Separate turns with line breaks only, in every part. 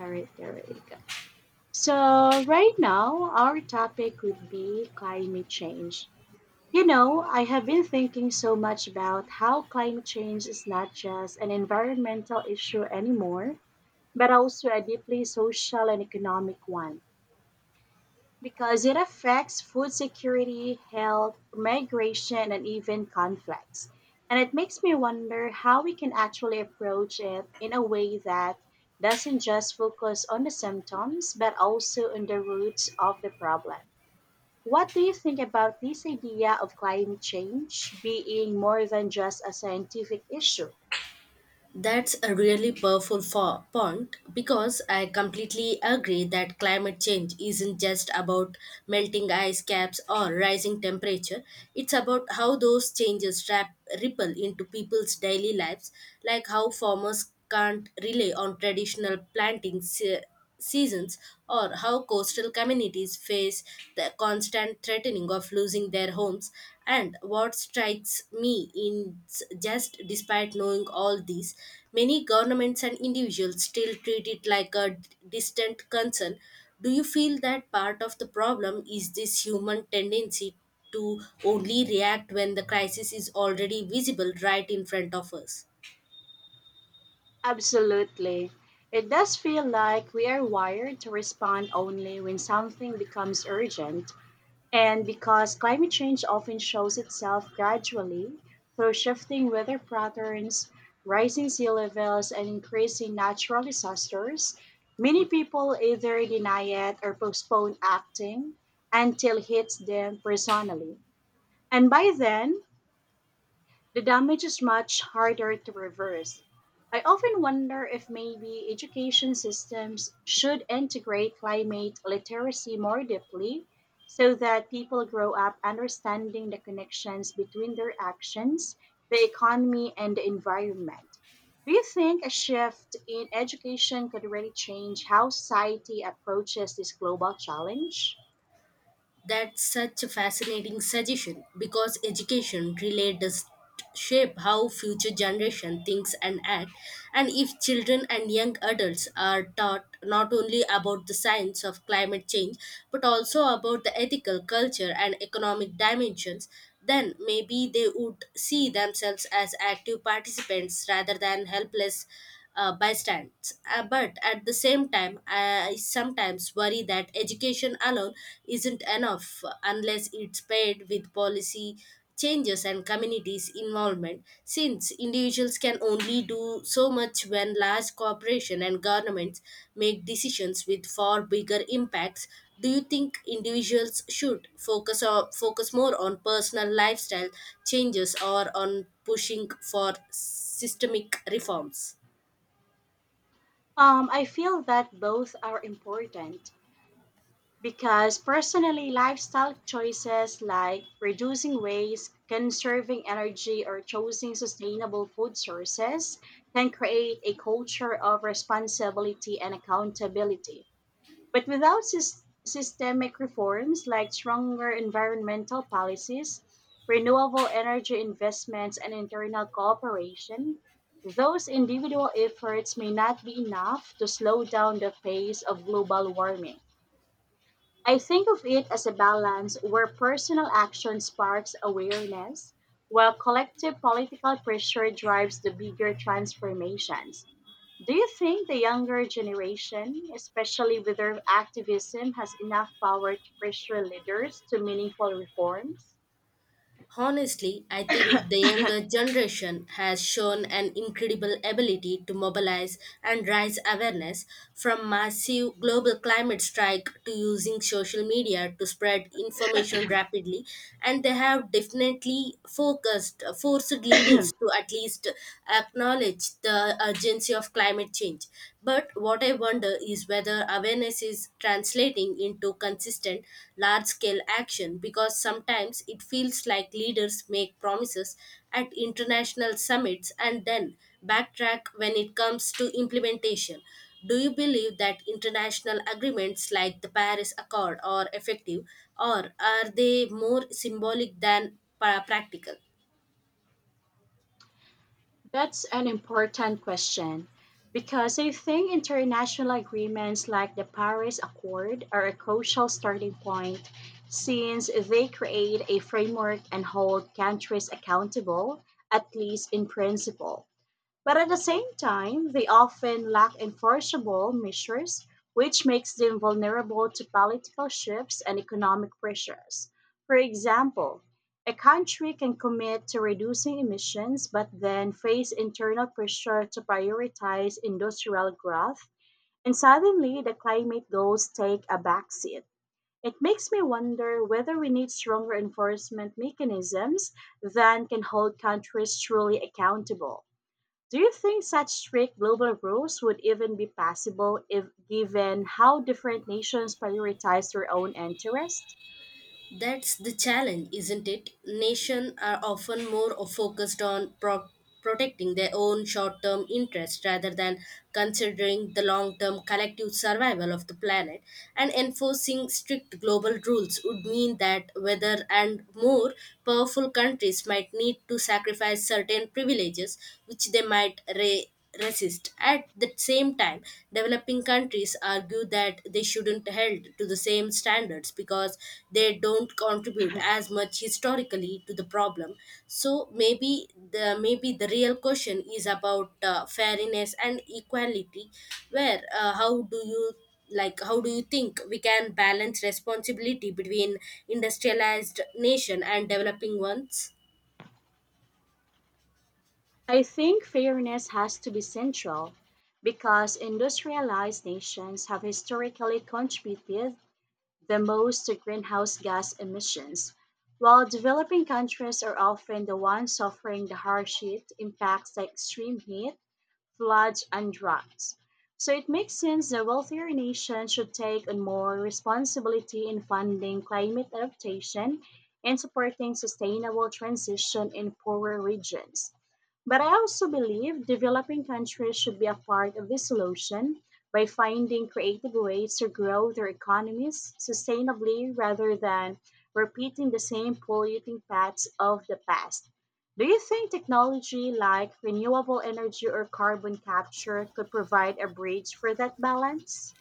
All right, there we go. So, right now, our topic would be climate change. You know, I have been thinking so much about how climate change is not just an environmental issue anymore, but also a deeply social and economic one because it affects food security, health, migration, and even conflicts. And it makes me wonder how we can actually approach it in a way that doesn't just focus on the symptoms, but also on the roots of the problem. What do you think about this idea of climate change being more than just a scientific issue?
That's a really powerful point because I completely agree that climate change isn't just about melting ice caps or rising temperature. It's about how those changes ripple into people's daily lives, like how farmers can't rely on traditional planting seasons, or how coastal communities face the constant threatening of losing their homes. And what strikes me is, just despite knowing all these, many governments and individuals still treat it like a distant concern. Do you feel that part of the problem is this human tendency to only react when the crisis is already visible right in front of us?
Absolutely. It does feel like we are wired to respond only when something becomes urgent. And because climate change often shows itself gradually through shifting weather patterns, rising sea levels, and increasing natural disasters, many people either deny it or postpone acting until it hits them personally. And by then, the damage is much harder to reverse. I often wonder if maybe education systems should integrate climate literacy more deeply so that people grow up understanding the connections between their actions, the economy, and the environment. Do you think a shift in education could really change how society approaches this global challenge?
That's such a fascinating suggestion because education really does shape how future generation thinks and act, and if children and young adults are taught not only about the science of climate change but also about the ethical culture and economic dimensions, then maybe they would see themselves as active participants rather than helpless bystanders. But at the same time, I sometimes worry that education alone isn't enough unless it's paired with policy changes and communities involvement, since individuals can only do so much when large corporations and governments make decisions with far bigger impacts. Do you think individuals should focus more on personal lifestyle changes or on pushing for systemic reforms?
I feel that both are important. Because personally, lifestyle choices like reducing waste, conserving energy, or choosing sustainable food sources can create a culture of responsibility and accountability. But without systemic reforms like stronger environmental policies, renewable energy investments, and internal cooperation, those individual efforts may not be enough to slow down the pace of global warming. I think of it as a balance where personal action sparks awareness, while collective political pressure drives the bigger transformations. Do you think the younger generation, especially with their activism, has enough power to pressure leaders to meaningful reforms?
Honestly, I think the younger generation has shown an incredible ability to mobilize and raise awareness, from massive global climate strike to using social media to spread information rapidly, and they have definitely focused forced leaders to at least acknowledge the urgency of climate change. But what I wonder is whether awareness is translating into consistent large scale action, because sometimes it feels like leaders make promises at international summits and then backtrack when it comes to implementation. Do you believe that international agreements like the Paris Accord are effective, or are they more symbolic than practical?
That's an important question because I think international agreements like the Paris Accord are a crucial starting point since they create a framework and hold countries accountable, at least in principle. But at the same time, they often lack enforceable measures, which makes them vulnerable to political shifts and economic pressures. For example, a country can commit to reducing emissions but then face internal pressure to prioritize industrial growth, and suddenly the climate goals take a backseat. It makes me wonder whether we need stronger enforcement mechanisms that can hold countries truly accountable. Do you think such strict global rules would even be possible if given how different nations prioritize their own interests?
That's the challenge, isn't it? Nations are often more focused on protecting their own short term interests rather than considering the long term collective survival of the planet. And enforcing strict global rules would mean that whether and more powerful countries might need to sacrifice certain privileges, which they might resist. At the same time, developing countries argue that they shouldn't held to the same standards because they don't contribute as much historically to the problem. So maybe the real question is about fairness and equality. Where how do you like How do you think we can balance responsibility between industrialized nation and developing ones?
I think fairness has to be central because industrialized nations have historically contributed the most to greenhouse gas emissions, while developing countries are often the ones suffering the harsh heat impacts like extreme heat, floods, and droughts. So it makes sense that wealthier nations should take on more responsibility in funding climate adaptation and supporting sustainable transition in poorer regions. But I also believe developing countries should be a part of the solution by finding creative ways to grow their economies sustainably rather than repeating the same polluting paths of the past. Do you think technology like renewable energy or carbon capture could provide a bridge for that balance?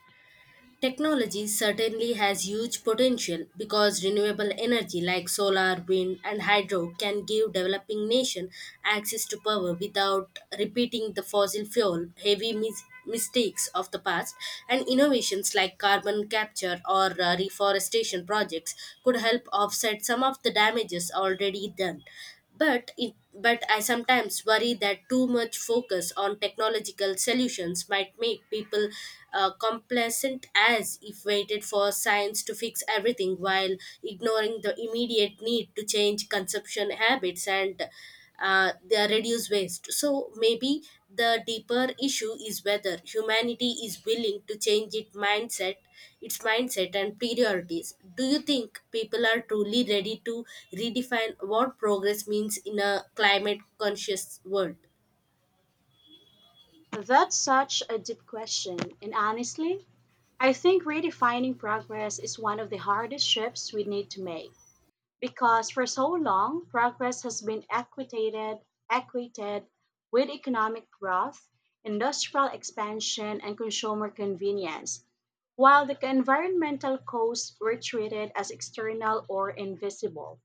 Technology certainly has huge potential because renewable energy like solar, wind, and hydro can give developing nations access to power without repeating the fossil fuel heavy mistakes of the past. And innovations like carbon capture or reforestation projects could help offset some of the damages already done. But I sometimes worry that too much focus on technological solutions might make people complacent, as if waited for science to fix everything while ignoring the immediate need to change consumption habits and they reduce waste. So maybe the deeper issue is whether humanity is willing to change its mindset and priorities. Do you think people are truly ready to redefine what progress means in a climate conscious world?
That's such a deep question, and honestly, I think redefining progress is one of the hardest shifts we need to make. Because for so long, progress has been equated with economic growth, industrial expansion, and consumer convenience, while the environmental costs were treated as external or invisible.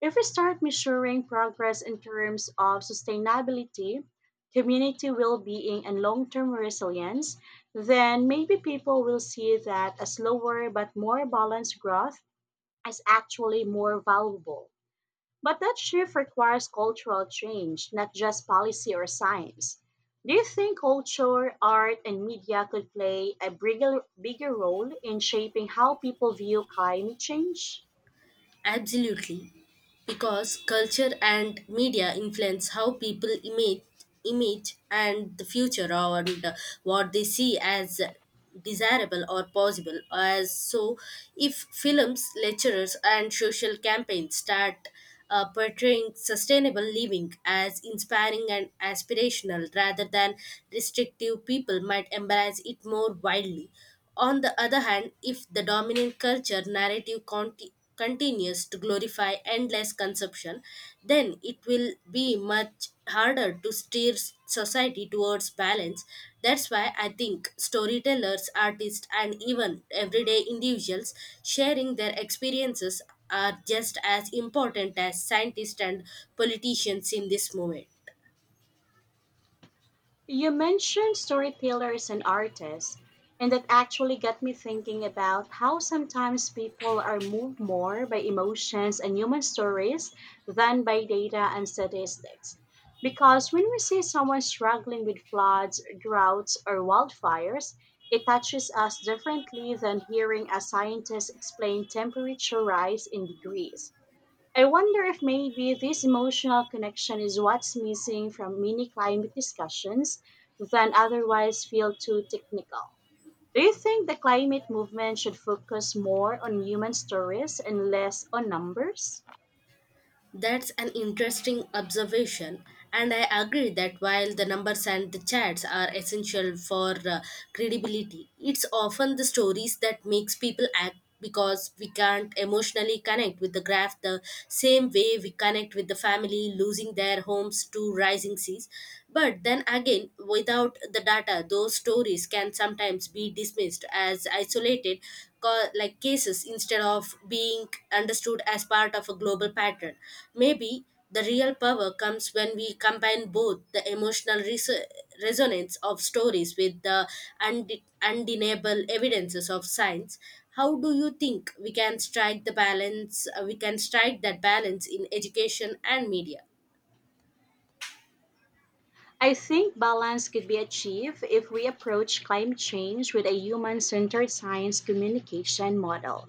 If we start measuring progress in terms of sustainability, community well being, and long term resilience, then maybe people will see that a slower but more balanced growth is actually more valuable. But that shift requires cultural change, not just policy or science. Do you think culture, art, and media could play a bigger role in shaping how people view climate change?
Absolutely, because culture and media influence how people image, and the future and what they see as desirable or possible. As so, if films, lecturers, and social campaigns start portraying sustainable living as inspiring and aspirational rather than restrictive, people might embrace it more widely. On the other hand, if the dominant culture narrative continues to glorify endless consumption, then it will be much harder to steer society towards balance. That's why I think storytellers, artists, and even everyday individuals sharing their experiences are just as important as scientists and politicians in this moment.
You mentioned storytellers and artists, and that actually got me thinking about how sometimes people are moved more by emotions and human stories than by data and statistics. Because when we see someone struggling with floods, droughts, or wildfires, it touches us differently than hearing a scientist explain temperature rise in degrees. I wonder if maybe this emotional connection is what's missing from mini climate discussions that otherwise feel too technical. Do you think the climate movement should focus more on human stories and less on numbers?
That's an interesting observation, and I agree that while the numbers and the chats are essential for credibility, it's often the stories that makes people act, because we can't emotionally connect with the graph the same way we connect with the family losing their homes to rising seas. But then again, without the data, those stories can sometimes be dismissed as isolated cases instead of being understood as part of a global pattern. Maybe the real power comes when we combine both the emotional resonance of stories with the undeniable evidences of science. How do you think we can strike the balance? We can strike that balance in education and media.
I think balance could be achieved if we approach climate change with a human centered science communication model,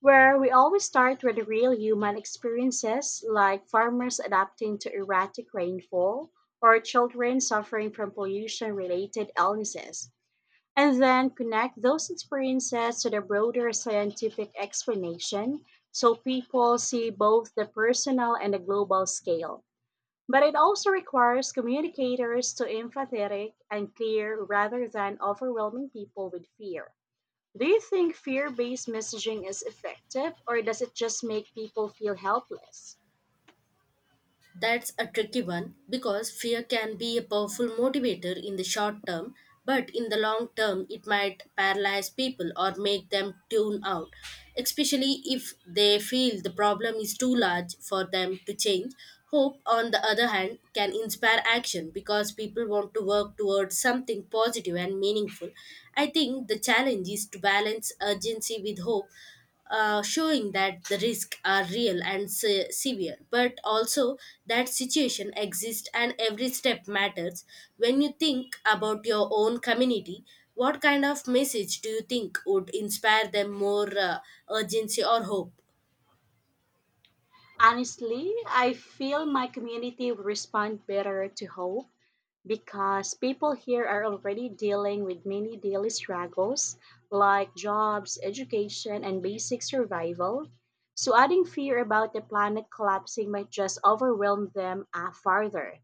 where we always start with the real human experiences like farmers adapting to erratic rainfall or children suffering from pollution related illnesses, and then connect those experiences to the broader scientific explanation so people see both the personal and the global scale. But it also requires communicators to empathetic and clear rather than overwhelming people with fear. Do you think fear based messaging is effective or does it just make people feel helpless?
That's a tricky one because fear can be a powerful motivator in the short term, but in the long term, it might paralyze people or make them tune out, especially if they feel the problem is too large for them to change. Hope, on the other hand, can inspire action because people want to work towards something positive and meaningful. I think the challenge is to balance urgency with hope, showing that the risks are real and severe, but also that situation exists and every step matters. When you think about your own community, what kind of message do you think would inspire them more, urgency or hope?
Honestly, I feel my community would respond better to hope because people here are already dealing with many daily struggles like jobs, education, and basic survival. So, adding fear about the planet collapsing might just overwhelm them farther.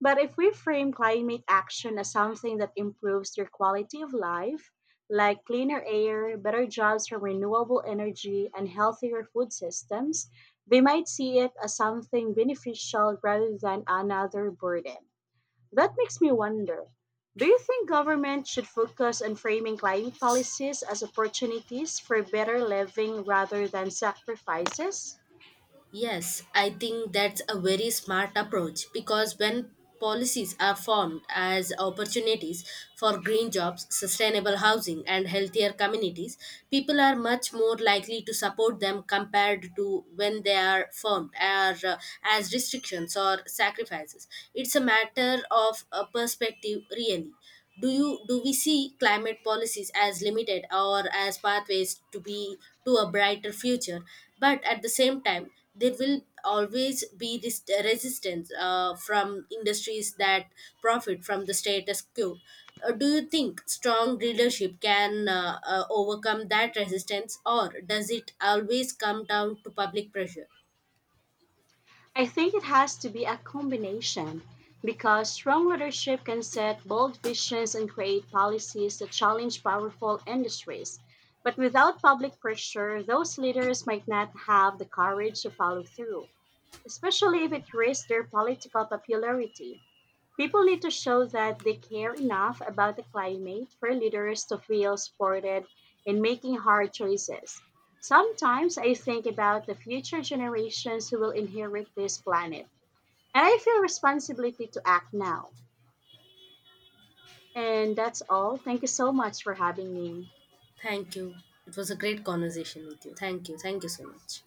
But if we frame climate action as something that improves your quality of life, like cleaner air, better jobs from renewable energy, and healthier food systems, they might see it as something beneficial rather than another burden. That makes me wonder, do you think government should focus on framing climate policies as opportunities for better living rather than sacrifices?
Yes, I think that's a very smart approach because when policies are formed as opportunities for green jobs, sustainable housing, and healthier communities, people are much more likely to support them compared to when they are formed as restrictions or sacrifices. It's a matter of a perspective, really. Do you do we see climate policies as limited or as pathways to a brighter future? But at the same time, there will always be this resistance from industries that profit from the status quo. Do you think strong leadership can overcome that resistance, or does it always come down to public pressure?
I think it has to be a combination because strong leadership can set bold visions and create policies that challenge powerful industries. But without public pressure, those leaders might not have the courage to follow through, especially if it risks their political popularity. People need to show that they care enough about the climate for leaders to feel supported in making hard choices. Sometimes I think about the future generations who will inherit this planet, and I feel responsibility to act now. And that's all. Thank you so much for having me.
Thank you. It was a great conversation with you. Thank you, thank you so much.